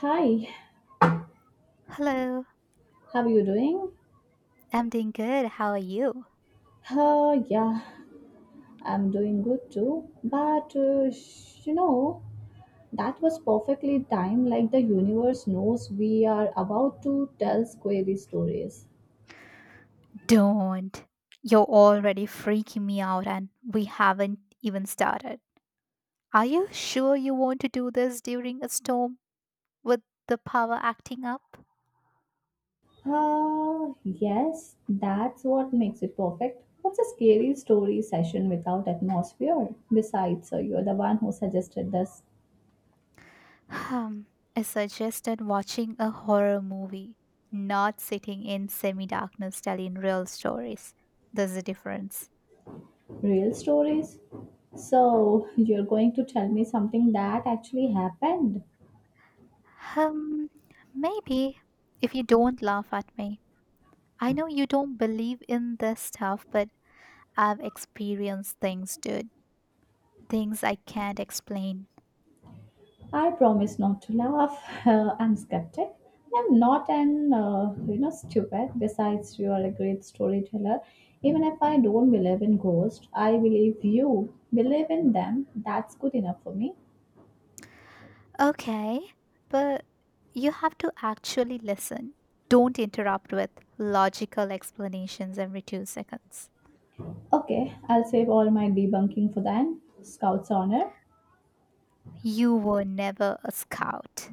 Hi, Hello, how are you doing? I'm doing good. How are you? Yeah, I'm doing good too. But that was perfectly timed, like the universe knows we are about to tell scary stories. Don't. You're already freaking me out, and we haven't even started. Are you sure you want to do this during a storm with the power acting up? Yes, that's what makes it perfect. What's a scary story session without atmosphere? Besides, you're the one who suggested this. Hmm, I suggested watching a horror movie, not sitting in semi darkness telling real stories. There's a difference. Real stories. So, you're going to tell me something that actually happened? Um, Maybe if you don't laugh at me. I know you don't believe in this stuff, but I've experienced things, dude. Things I can't explain. I promise not to laugh. I'm skeptic. I'm not an stupid. Besides, you are a great storyteller. Even if I don't believe in ghosts, I believe you believe in them. That's good enough for me. Okay, but you have to actually listen. Don't interrupt with logical explanations every 2 seconds. Okay, I'll save all my debunking for then. Scout's honor. You were never a scout.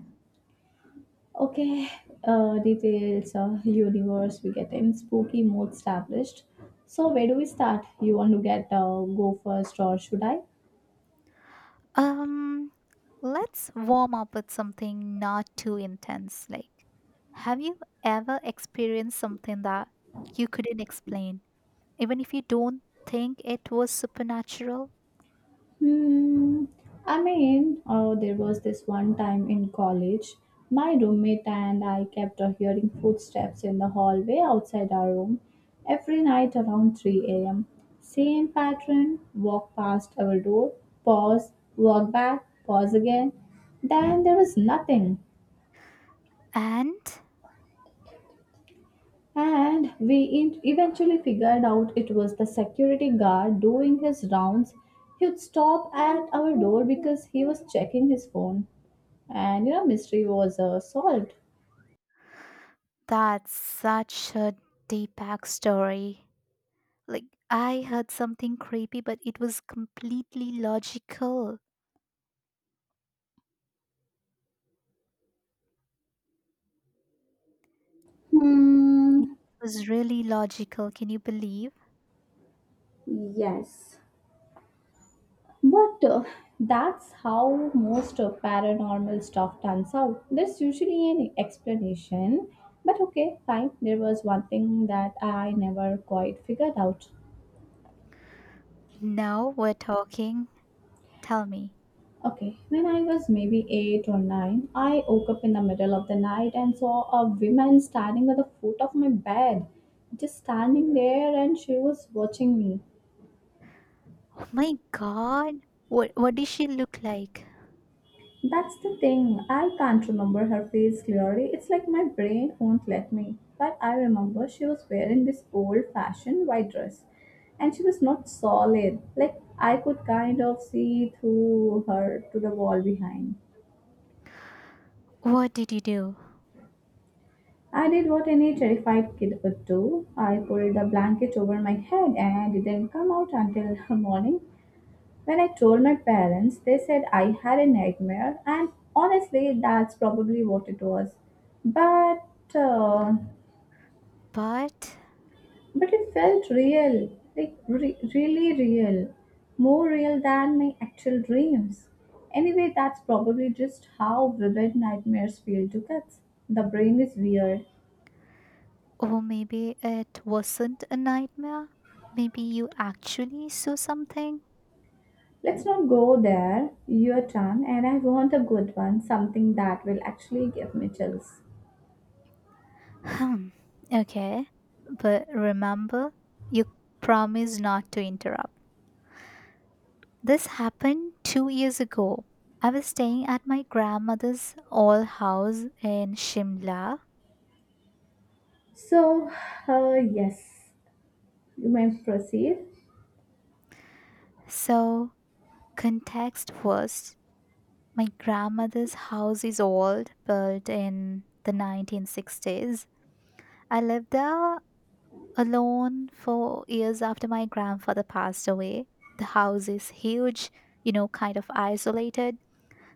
Okay, details, universe, we get in spooky mode established. So where do we start? You want to get go first or should I? Um, let's warm up with something not too intense. Like, have you ever experienced something that you couldn't explain, even if you don't think it was supernatural? Hmm. I mean, oh, there was this one time in college, my roommate and I kept hearing footsteps in the hallway outside our room every night around 3 a.m. Same pattern walk past our door, pause, walk back, pause again. Then there was nothing. And And we eventually figured out it was the security guard doing his rounds. He'd stop at our door because he was checking his phone. And mystery was solved. that's such a Deepak story. Like, I heard something creepy, but it was completely logical. It Hmm. was really logical. Can you believe? Yes. But that's how most paranormal stuff turns out. There's usually an explanation. But okay, fine. There was one thing that I never quite figured out. Now we're talking. Tell me. Okay, when I was maybe eight or nine, I woke up in the middle of the night and saw a woman standing at the foot of my bed, just standing there, and she was watching me. Oh my God. What did she look like? That's the thing, I can't remember her face clearly. It's like my brain won't let me. But I remember she was wearing this old fashioned white dress, and she was not solid. Like I could kind of see through her to the wall behind. What did you do? I did what any terrified kid would do. I pulled the blanket over my head and didn't come out until morning. When I told my parents, they said I had a nightmare, and honestly, that's probably what it was. But uh, But, but it felt real, like really real, more real than my actual dreams. Anyway, that's probably just how vivid nightmares feel to kids. The brain is weird. oh, maybe it wasn't a nightmare. Maybe you actually saw something. Let's not go there, your turn, and I want a good one, something that will actually give me chills. Hmm. Okay. But remember, you promised not to interrupt. This happened 2 years ago. I was staying at my grandmother's old house in Shimla. So, yes, you may proceed. So, context first, my grandmother's house is old, built in the 1960s. I lived there alone for years after my grandfather passed away. The house is huge, you know, kind of isolated,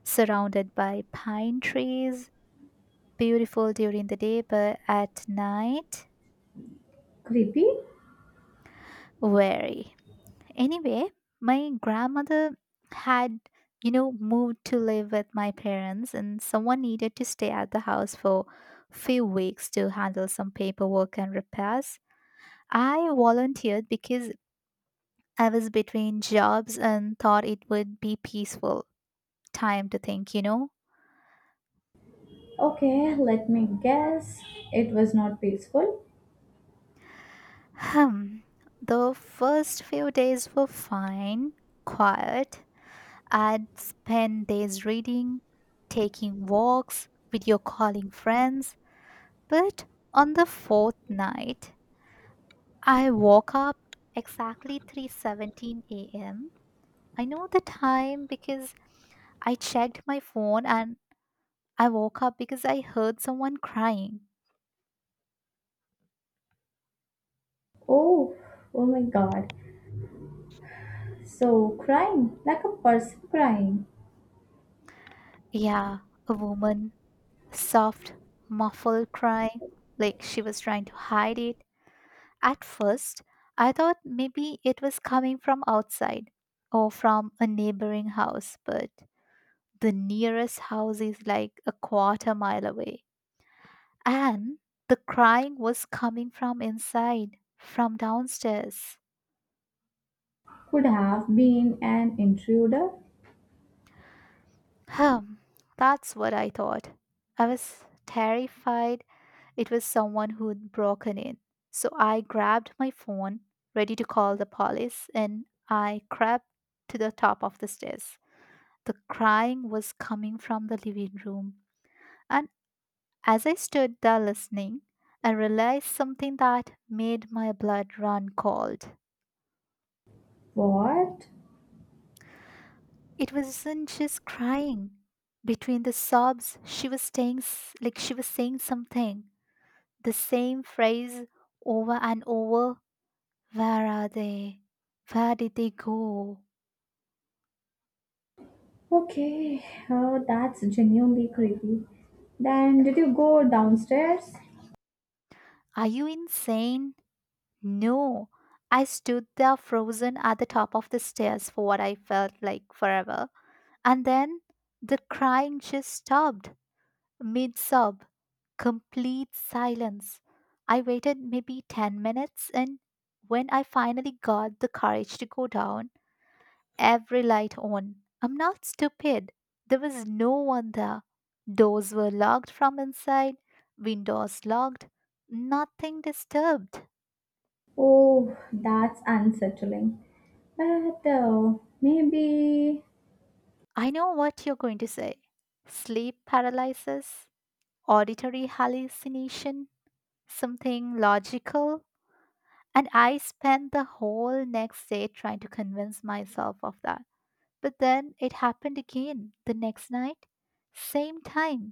surrounded by pine trees, beautiful during the day, but at night, Creepy? weary. Anyway, my grandmother had, you know, moved to live with my parents, and someone needed to stay at the house for few weeks to handle some paperwork and repairs. I volunteered because I was between jobs and thought it would be peaceful time to think, Okay, let me guess. It was not peaceful. hmm. The first few days were fine, quiet. I'd spend days reading, taking walks, video calling friends. But on the fourth night, I woke up exactly 3:17 a.m. I know the time because I checked my phone, and I woke up because I heard someone crying. Oh, oh my god. So, crying, like a person crying, Yeah, a woman, soft, muffled cry, like she was trying to hide it. At first, I thought maybe it was coming from outside or from a neighboring house, but the nearest house is like a quarter mile away. And the crying was coming from inside, from downstairs. could have been an intruder. Hmm, that's what I thought. I was terrified it was someone who'd broken in. So I grabbed my phone, ready to call the police, and I crept to the top of the stairs. The crying was coming from the living room. And as I stood there listening, I realized something that made my blood run cold. What? It wasn't just crying. Between the sobs, she was saying, s- like she was saying something. The same phrase over and over. Where are they? Where did they go? Okay, oh, that's genuinely creepy. Then, did you go downstairs? Are you insane? No. I stood there frozen at the top of the stairs for what I felt like forever. And then the crying just stopped mid sob, complete silence. I waited maybe 10 minutes, and when I finally got the courage to go down, every light on. I'm not stupid. There was no one there. Doors were locked from inside, windows locked, nothing disturbed. Oh, that's unsettling. But maybe. I know what you're going to say: sleep paralysis, auditory hallucination, something logical, and I spent the whole next day trying to convince myself of that. But then it happened again the next night. Same time,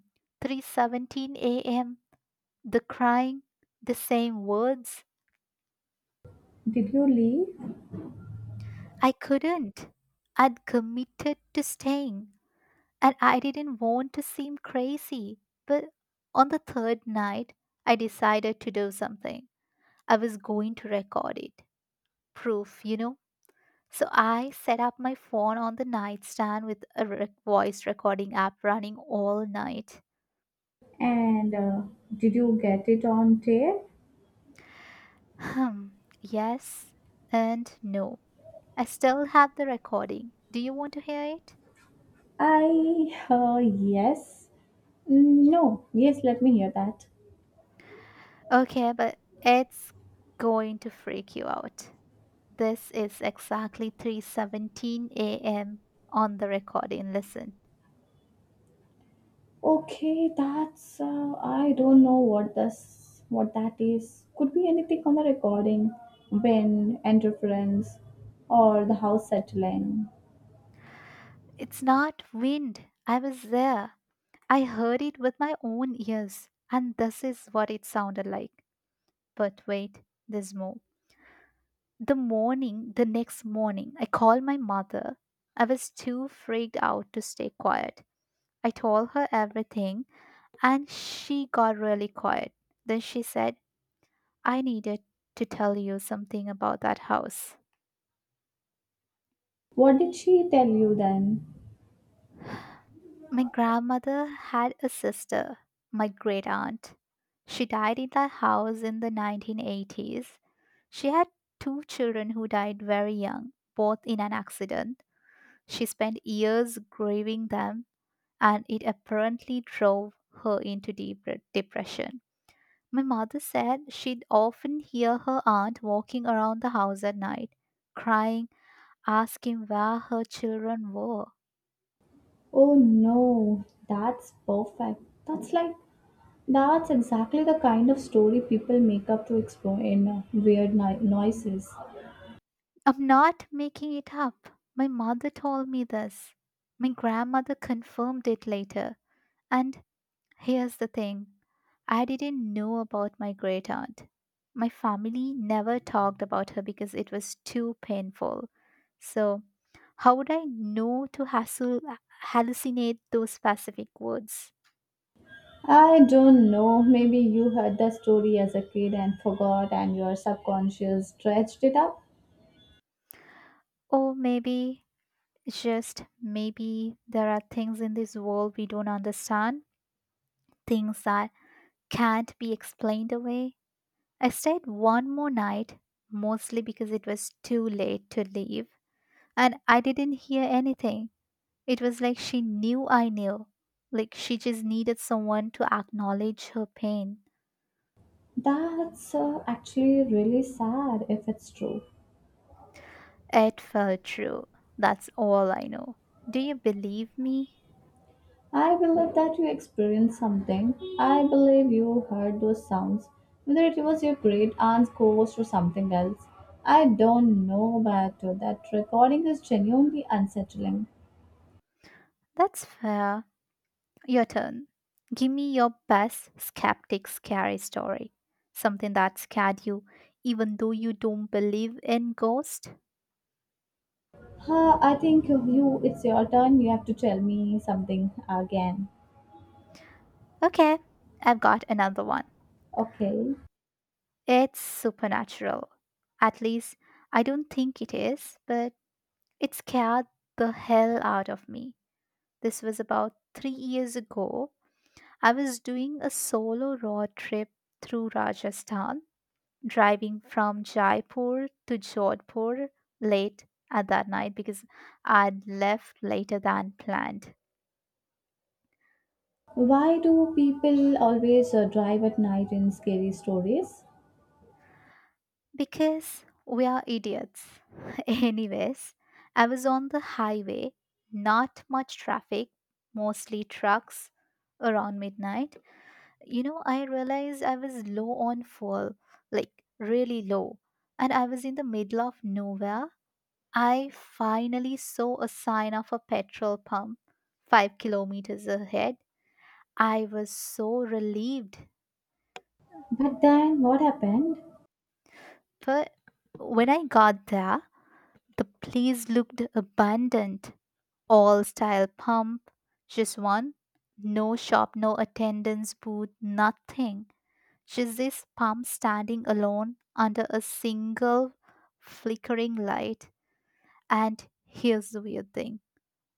3:17 a.m. The crying, the same words. Did you leave? I couldn't. I'd committed to staying, and I didn't want to seem crazy. But on the third night, I decided to do something. I was going to record it. Proof, you know. So I set up my phone on the nightstand with a voice recording app running all night. And did you get it on tape? Hmm. Yes and no. I still have the recording. Do you want to hear it? Yes. No, yes, let me hear that. Okay, but it's going to freak you out. This is exactly 3:17 a.m. on the recording. Listen. Okay, I don't know what that is. Could be anything on the recording, wind, interference, or the house settling. It's not wind. I was there. I heard it with my own ears, and this is what it sounded like. But wait, there's more. The next morning, I called my mother. I was too freaked out to stay quiet. I told her everything, and she got really quiet. Then she said, I needed to tell you something about that house. What did she tell you then? My grandmother had a sister, my great aunt. She died in that house in the 1980s. She had two children who died very young, both in an accident. She spent years grieving them, and it apparently drove her into deep depression. My mother said she'd often hear her aunt walking around the house at night, crying, asking where her children were. Oh no, that's perfect. That's like that's exactly the kind of story people make up to explain weird noises. I'm not making it up. My mother told me this. My grandmother confirmed it later, and here's the thing: I didn't know about my great aunt. My family never talked about her because it was too painful. So, how would I know to hallucinate those specific words? I don't know. Maybe you heard the story as a kid and forgot, and your subconscious dredged it up. Or maybe, just maybe, there are things in this world we don't understand, things that can't be explained away. I stayed one more night, mostly because it was too late to leave, and I didn't hear anything. It was like she knew I knew. Like she just needed someone to acknowledge her pain. That's actually really sad if it's true. It felt true. That's all I know. Do you believe me? I believe that you experienced something. I believe you heard those sounds, whether it was your great aunt's ghost or something else. I don't know, but that recording is genuinely unsettling. That's fair. Your turn. Give me your best skeptic scary story. Something that scared you, even though you don't believe in ghosts. Huh, I think it's your turn. You have to tell me something again. Okay, I've got another one. Okay. It's supernatural. At least, I don't think it is, but it scared the hell out of me. This was about 3 years ago. I was doing a solo road trip through Rajasthan, driving from Jaipur to Jodhpur late at that night because I'd left later than planned. Why do people always drive at night in scary stories? Because we are idiots. Anyways, I was on the highway, not much traffic, mostly trucks around midnight. You know, I realized I was low on fuel, like really low, and I was in the middle of nowhere. I finally saw a sign of a petrol pump 5 kilometers ahead. I was so relieved. But then what happened? But when I got there, the place looked abandoned. All style pump, just one. No shop, no attendance booth, nothing. Jesus Pump standing alone under a single flickering light. And here's the weird thing: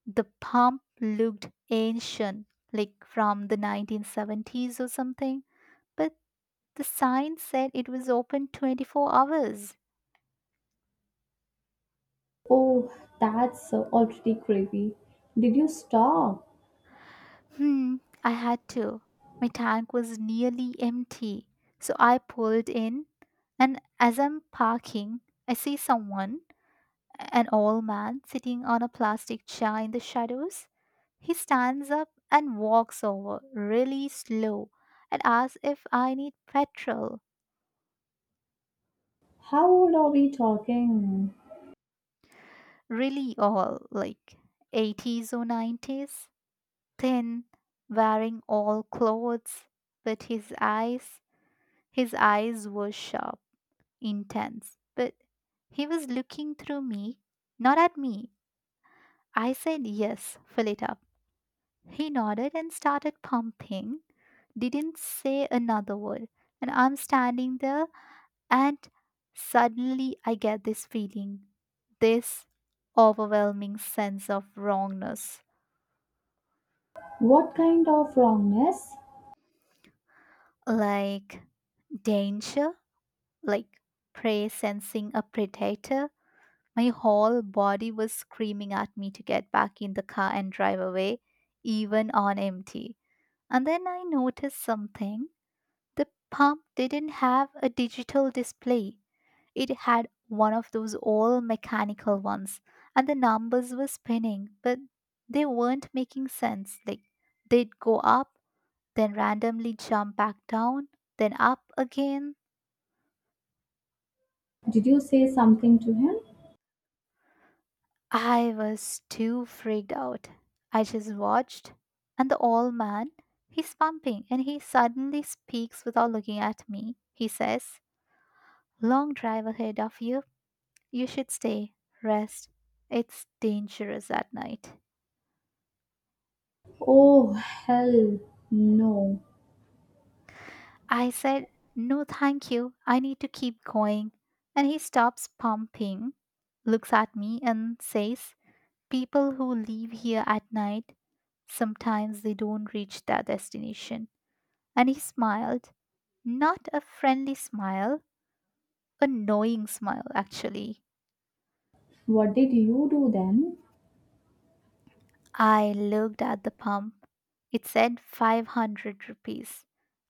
the pump looked ancient, like from the 1970s or something, but the sign said it was open 24 hours. Oh, that's already creepy. Did you stop? Hmm, I had to. My tank was nearly empty, so I pulled in, and as I'm parking, I see someone. An old man sitting on a plastic chair in the shadows. He stands up and walks over, really slow, and asks if I need petrol. How old are we talking? Really all like 80s or 90s. Thin, wearing all clothes, but his eyes were sharp, intense. But he was looking through me, not at me. I said, Yes, fill it up. He nodded and started pumping. Didn't say another word. And I'm standing there, and suddenly I get this feeling, this overwhelming sense of wrongness, What kind of wrongness? like danger, like prey sensing a predator. My whole body was screaming at me to get back in the car and drive away, even on empty. And then I noticed something. The pump didn't have a digital display. It had one of those old mechanical ones, and the numbers were spinning, but they weren't making sense. Like, they'd go up, then randomly jump back down, then up again. Did you say something to him? I was too freaked out. I just watched, and the old man, he's pumping, and he suddenly speaks without looking at me. He says, Long drive ahead of you. You should stay, rest. It's dangerous at night. Oh, hell no. I said, No, thank you. I need to keep going. And he stops pumping, looks at me, and says, People who leave here at night, sometimes they don't reach their destination. And he smiled. Not a friendly smile, a knowing smile, actually. What did you do then? I looked at the pump. It said 500 rupees.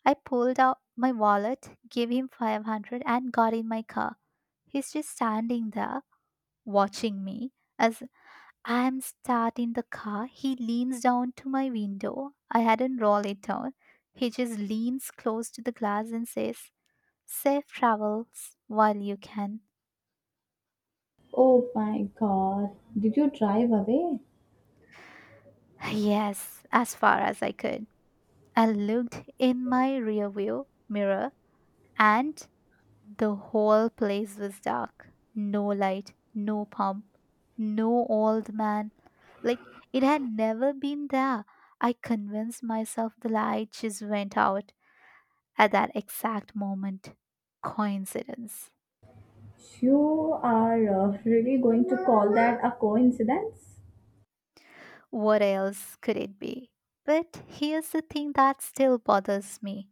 I pulled out my wallet, gave him 500, and got in my car. He's just standing there watching me. As I'm starting the car, he leans down to my window. I hadn't rolled it down. He just leans close to the glass and says, Safe travels while you can. Oh my god. Did you drive away? Yes, as far as I could. I looked in my rearview mirror, and the whole place was dark. No light, no pump, no old man. Like it had never been there. I convinced myself the light just went out at that exact moment. Coincidence. You are really going to call that a coincidence? What else could it be? But here's the thing that still bothers me.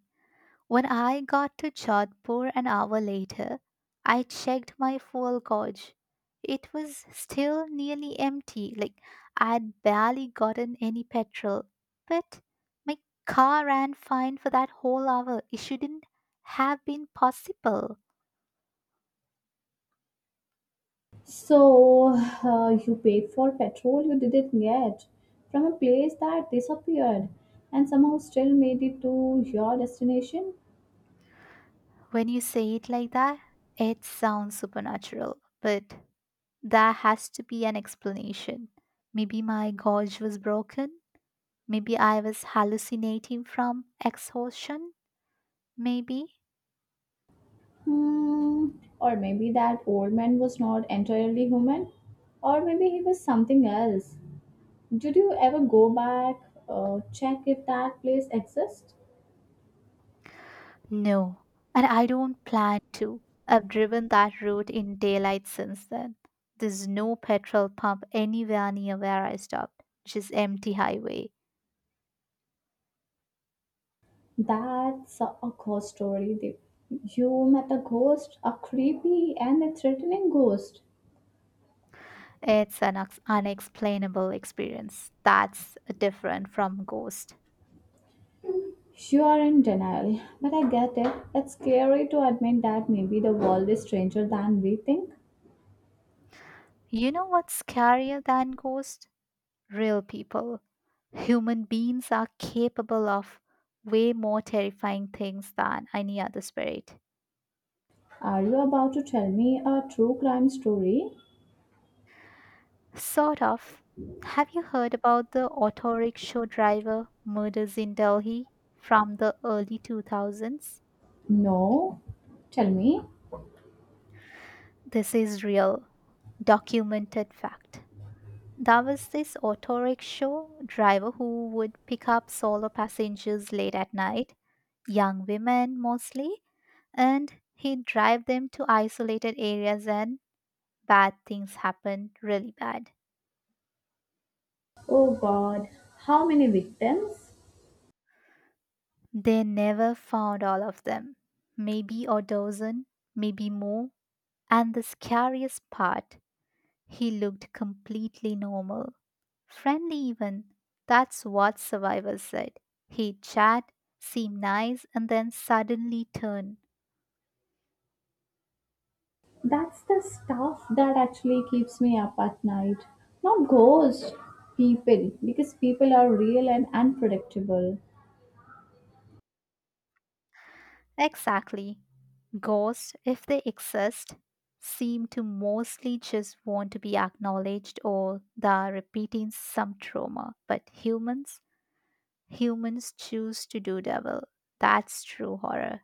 When I got to Jodhpur an hour later, I checked my fuel gauge. It was still nearly empty, like I'd barely gotten any petrol. But my car ran fine for that whole hour. It shouldn't have been possible. So, you paid for petrol you didn't get from a place that disappeared and somehow still made it to your destination? When you say it like that, it sounds supernatural, but there has to be an explanation. Maybe my gauge was broken. Maybe I was hallucinating from exhaustion. Maybe? Hmm, or maybe that old man was not entirely human, or maybe he was something else. Did you ever go back, check if that place exists? No, and I don't plan to. I've driven that route in daylight since then. There's no petrol pump anywhere near where I stopped, just empty highway. That's a ghost story. You met a ghost, a creepy and a threatening ghost. It's an unexplainable experience. That's different from ghost. You are in denial, but I get it. It's scary to admit that maybe the world is stranger than we think. You know what's scarier than ghost? Real people. Human beings are capable of way more terrifying things than any other spirit. Are you about to tell me a true crime story? Sort of. Have you heard about the auto rickshaw driver murders in Delhi from the early 2000s? No. Tell me. This is real, documented fact. There was this auto rickshaw driver who would pick up solo passengers late at night, young women mostly, and he'd drive them to isolated areas and bad things happened, really bad. Oh God, how many victims? They never found all of them. Maybe a dozen, maybe more. And the scariest part, he looked completely normal, friendly even. That's what survivors said. He'd chat, seem nice, and then suddenly turn. That's the stuff that actually keeps me up at night. Not ghosts, people, because people are real and unpredictable. Exactly. Ghosts, if they exist, seem to mostly just want to be acknowledged or they are repeating some trauma. But humans, humans choose to do devil. That's true horror.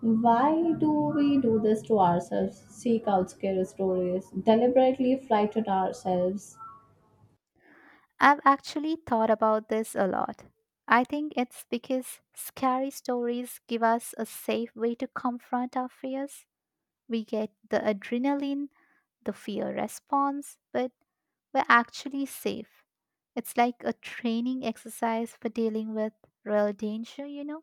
Why do we do this to ourselves? Seek out scary stories, deliberately frighten ourselves. I've actually thought about this a lot. I think it's because scary stories give us a safe way to confront our fears. We get the adrenaline, the fear response, but we're actually safe. It's like a training exercise for dealing with real danger, you know?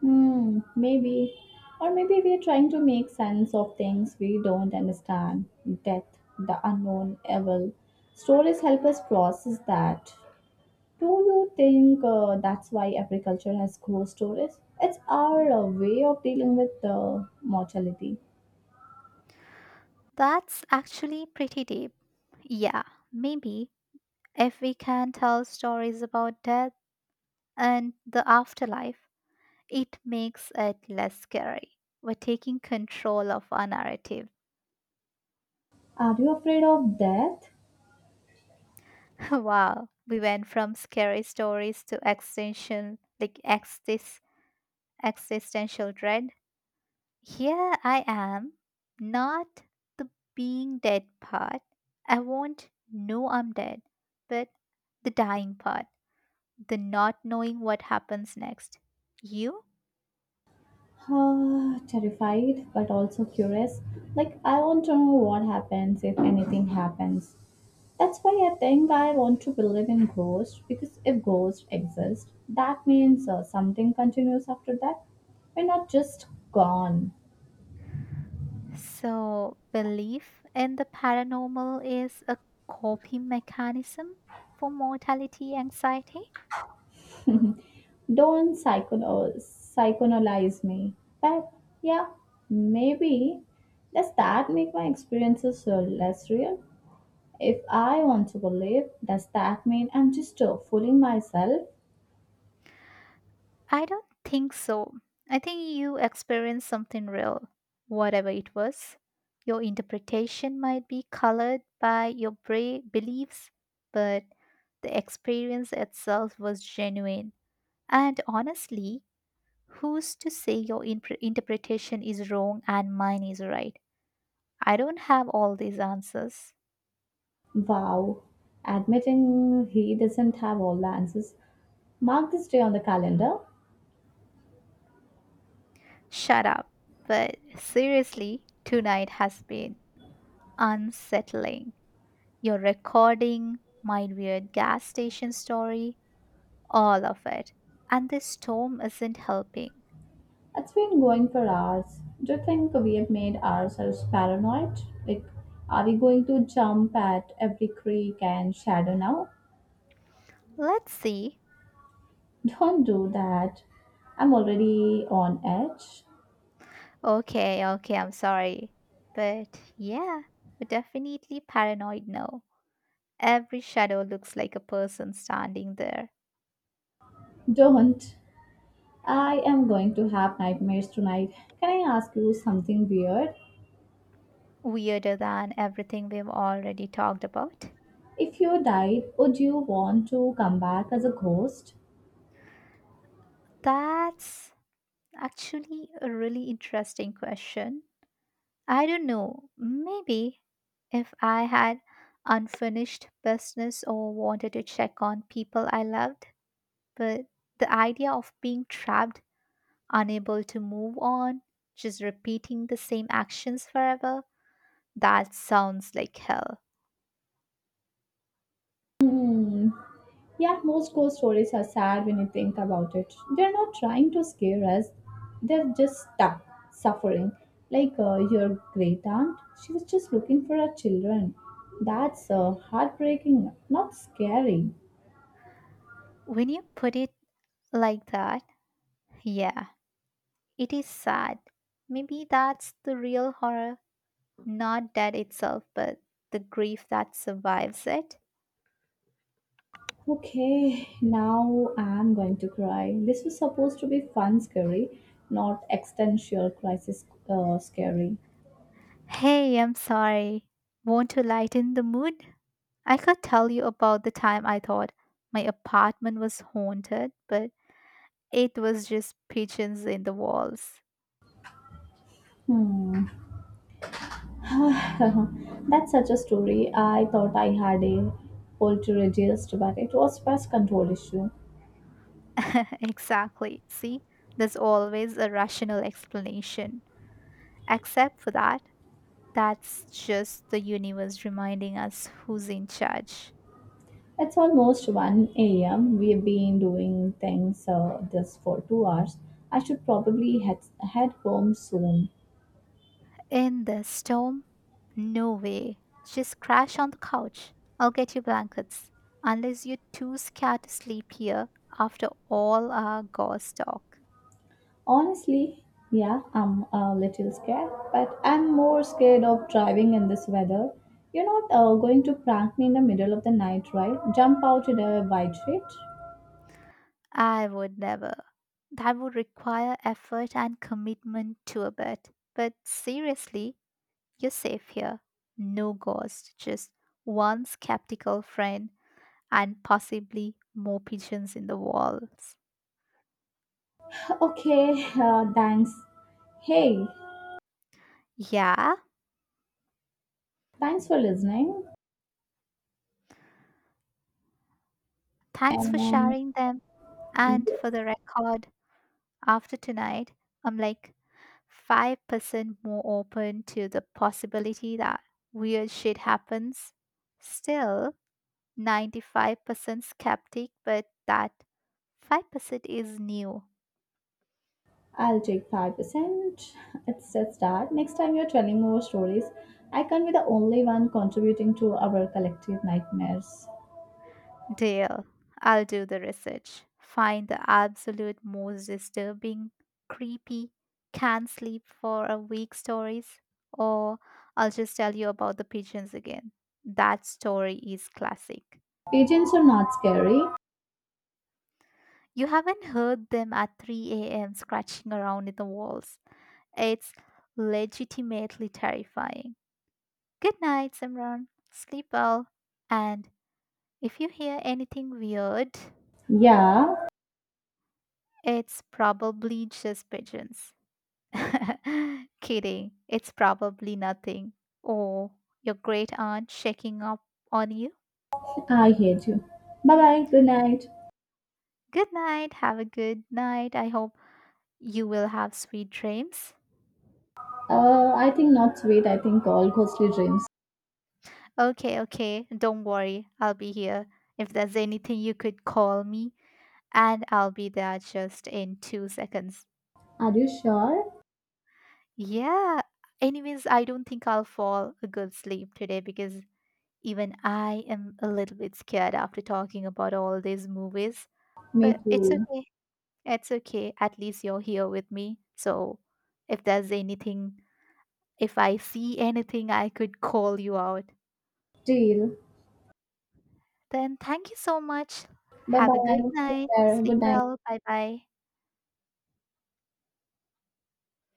Hmm, maybe. Or maybe we are trying to make sense of things we don't understand. Death, the unknown, evil. Stories help us process that. Do you think that's why agriculture has ghost stories? It's our way of dealing with mortality. That's actually pretty deep. Yeah, maybe if we can tell stories about death and the afterlife, it makes it less scary. We're taking control of our narrative. Are you afraid of death? Wow, we went from scary stories to existential, like existential dread. Here I am, not the being dead part. I won't know I'm dead, but the dying part, the not knowing what happens next. You? Ah, terrified, but also curious. Like, I want to know what happens if anything happens. That's why I think I want to believe in ghosts because if ghosts exist, that means something continues after that. We're not just gone. So, belief in the paranormal is a coping mechanism for mortality anxiety? Don't psychoanalyze me. But yeah, maybe does that make my experiences less real? If I want to believe, does that mean I'm just fooling myself? I don't think so. I think you experienced something real, whatever it was. Your interpretation might be colored by your beliefs, but the experience itself was genuine. And honestly, who's to say your interpretation is wrong and mine is right? I don't have all these answers. Wow, admitting he doesn't have all the answers. Mark this day on the calendar. Shut up. But seriously, tonight has been unsettling. Your recording, my weird gas station story, all of it. And this storm isn't helping. It's been going for hours. Do you think we have made ourselves paranoid? Like, are we going to jump at every creek and shadow now? Let's see. Don't do that. I'm already on edge. Okay, okay, I'm sorry. But yeah, we're definitely paranoid now. Every shadow looks like a person standing there. Don't. I am going to have nightmares tonight. Can I ask you something weird? Weirder than everything we've already talked about. If you died, would you want to come back as a ghost? That's actually a really interesting question. I don't know. Maybe if I had unfinished business or wanted to check on people I loved, but the idea of being trapped, unable to move on, just repeating the same actions forever, that sounds like hell. Hmm. Yeah, most ghost stories are sad when you think about it. They're not trying to scare us, they're just stuck, suffering. Like your great aunt, she was just looking for her children. That's heartbreaking, not scary. When you put it like that, yeah, it is sad. Maybe that's the real horror, not death itself, but the grief that survives it. Okay, now I'm going to cry. This was supposed to be fun, scary, not existential crisis scary. Hey, I'm sorry. Want to lighten the mood? I could tell you about the time I thought my apartment was haunted, but it was just pigeons in the walls. Hmm. That's such a story. I thought I had a poltergeist, but it was pest control issue. Exactly. See, there's always a rational explanation. Except for that, that's just the universe reminding us who's in charge. It's almost 1 a.m. We've been doing things this for 2 hours. I should probably head home soon. In the storm? No way. Just crash on the couch. I'll get you blankets. Unless you're too scared to sleep here after all our gauze talk. Honestly, yeah, I'm a little scared, but I'm more scared of driving in this weather. You're not going to prank me in the middle of the night, right? Jump out in a wide street? I would never. That would require effort and commitment to a bed. But seriously, you're safe here. No ghost, just one skeptical friend and possibly more pigeons in the walls. Okay, thanks. Hey, Yeah, thanks for listening. thanks for Um, sharing them. And for yes, the record, after tonight, I'm like 5% more open to the possibility that weird shit happens. Still, 95% skeptic, but that 5% is new. I'll take 5%. It's a start. Next time you're telling more stories, I can't be the only one contributing to our collective nightmares. Deal. I'll do the research. Find the absolute most disturbing, creepy, can't sleep for a week stories, or I'll just tell you about the pigeons again. That story is classic. Pigeons are not scary. You haven't heard them at 3 a.m. scratching around in the walls. It's legitimately terrifying. Good night, Simran. Sleep well. And if you hear anything weird, Yeah, it's probably just pigeons. Kidding. It's probably nothing. Or your great aunt checking up on you. I hate you. Bye bye. Good night. Good night. Have a good night. I hope you will have sweet dreams. I think not sweet. I think all ghostly dreams. Okay, okay. Don't worry. I'll be here. If there's anything, you could call me and I'll be there just in 2 seconds. Are you sure? Yeah. Anyways, I don't think I'll fall a good sleep today because even I am a little bit scared after talking about all these movies. Me But it's too. okay. It's okay. At least you're here with me. So if there's anything, if I see anything, I could call you out. Deal. Then thank you so much. Bye Have a bye. good Take night. care. Sleep Good night. well. Bye bye.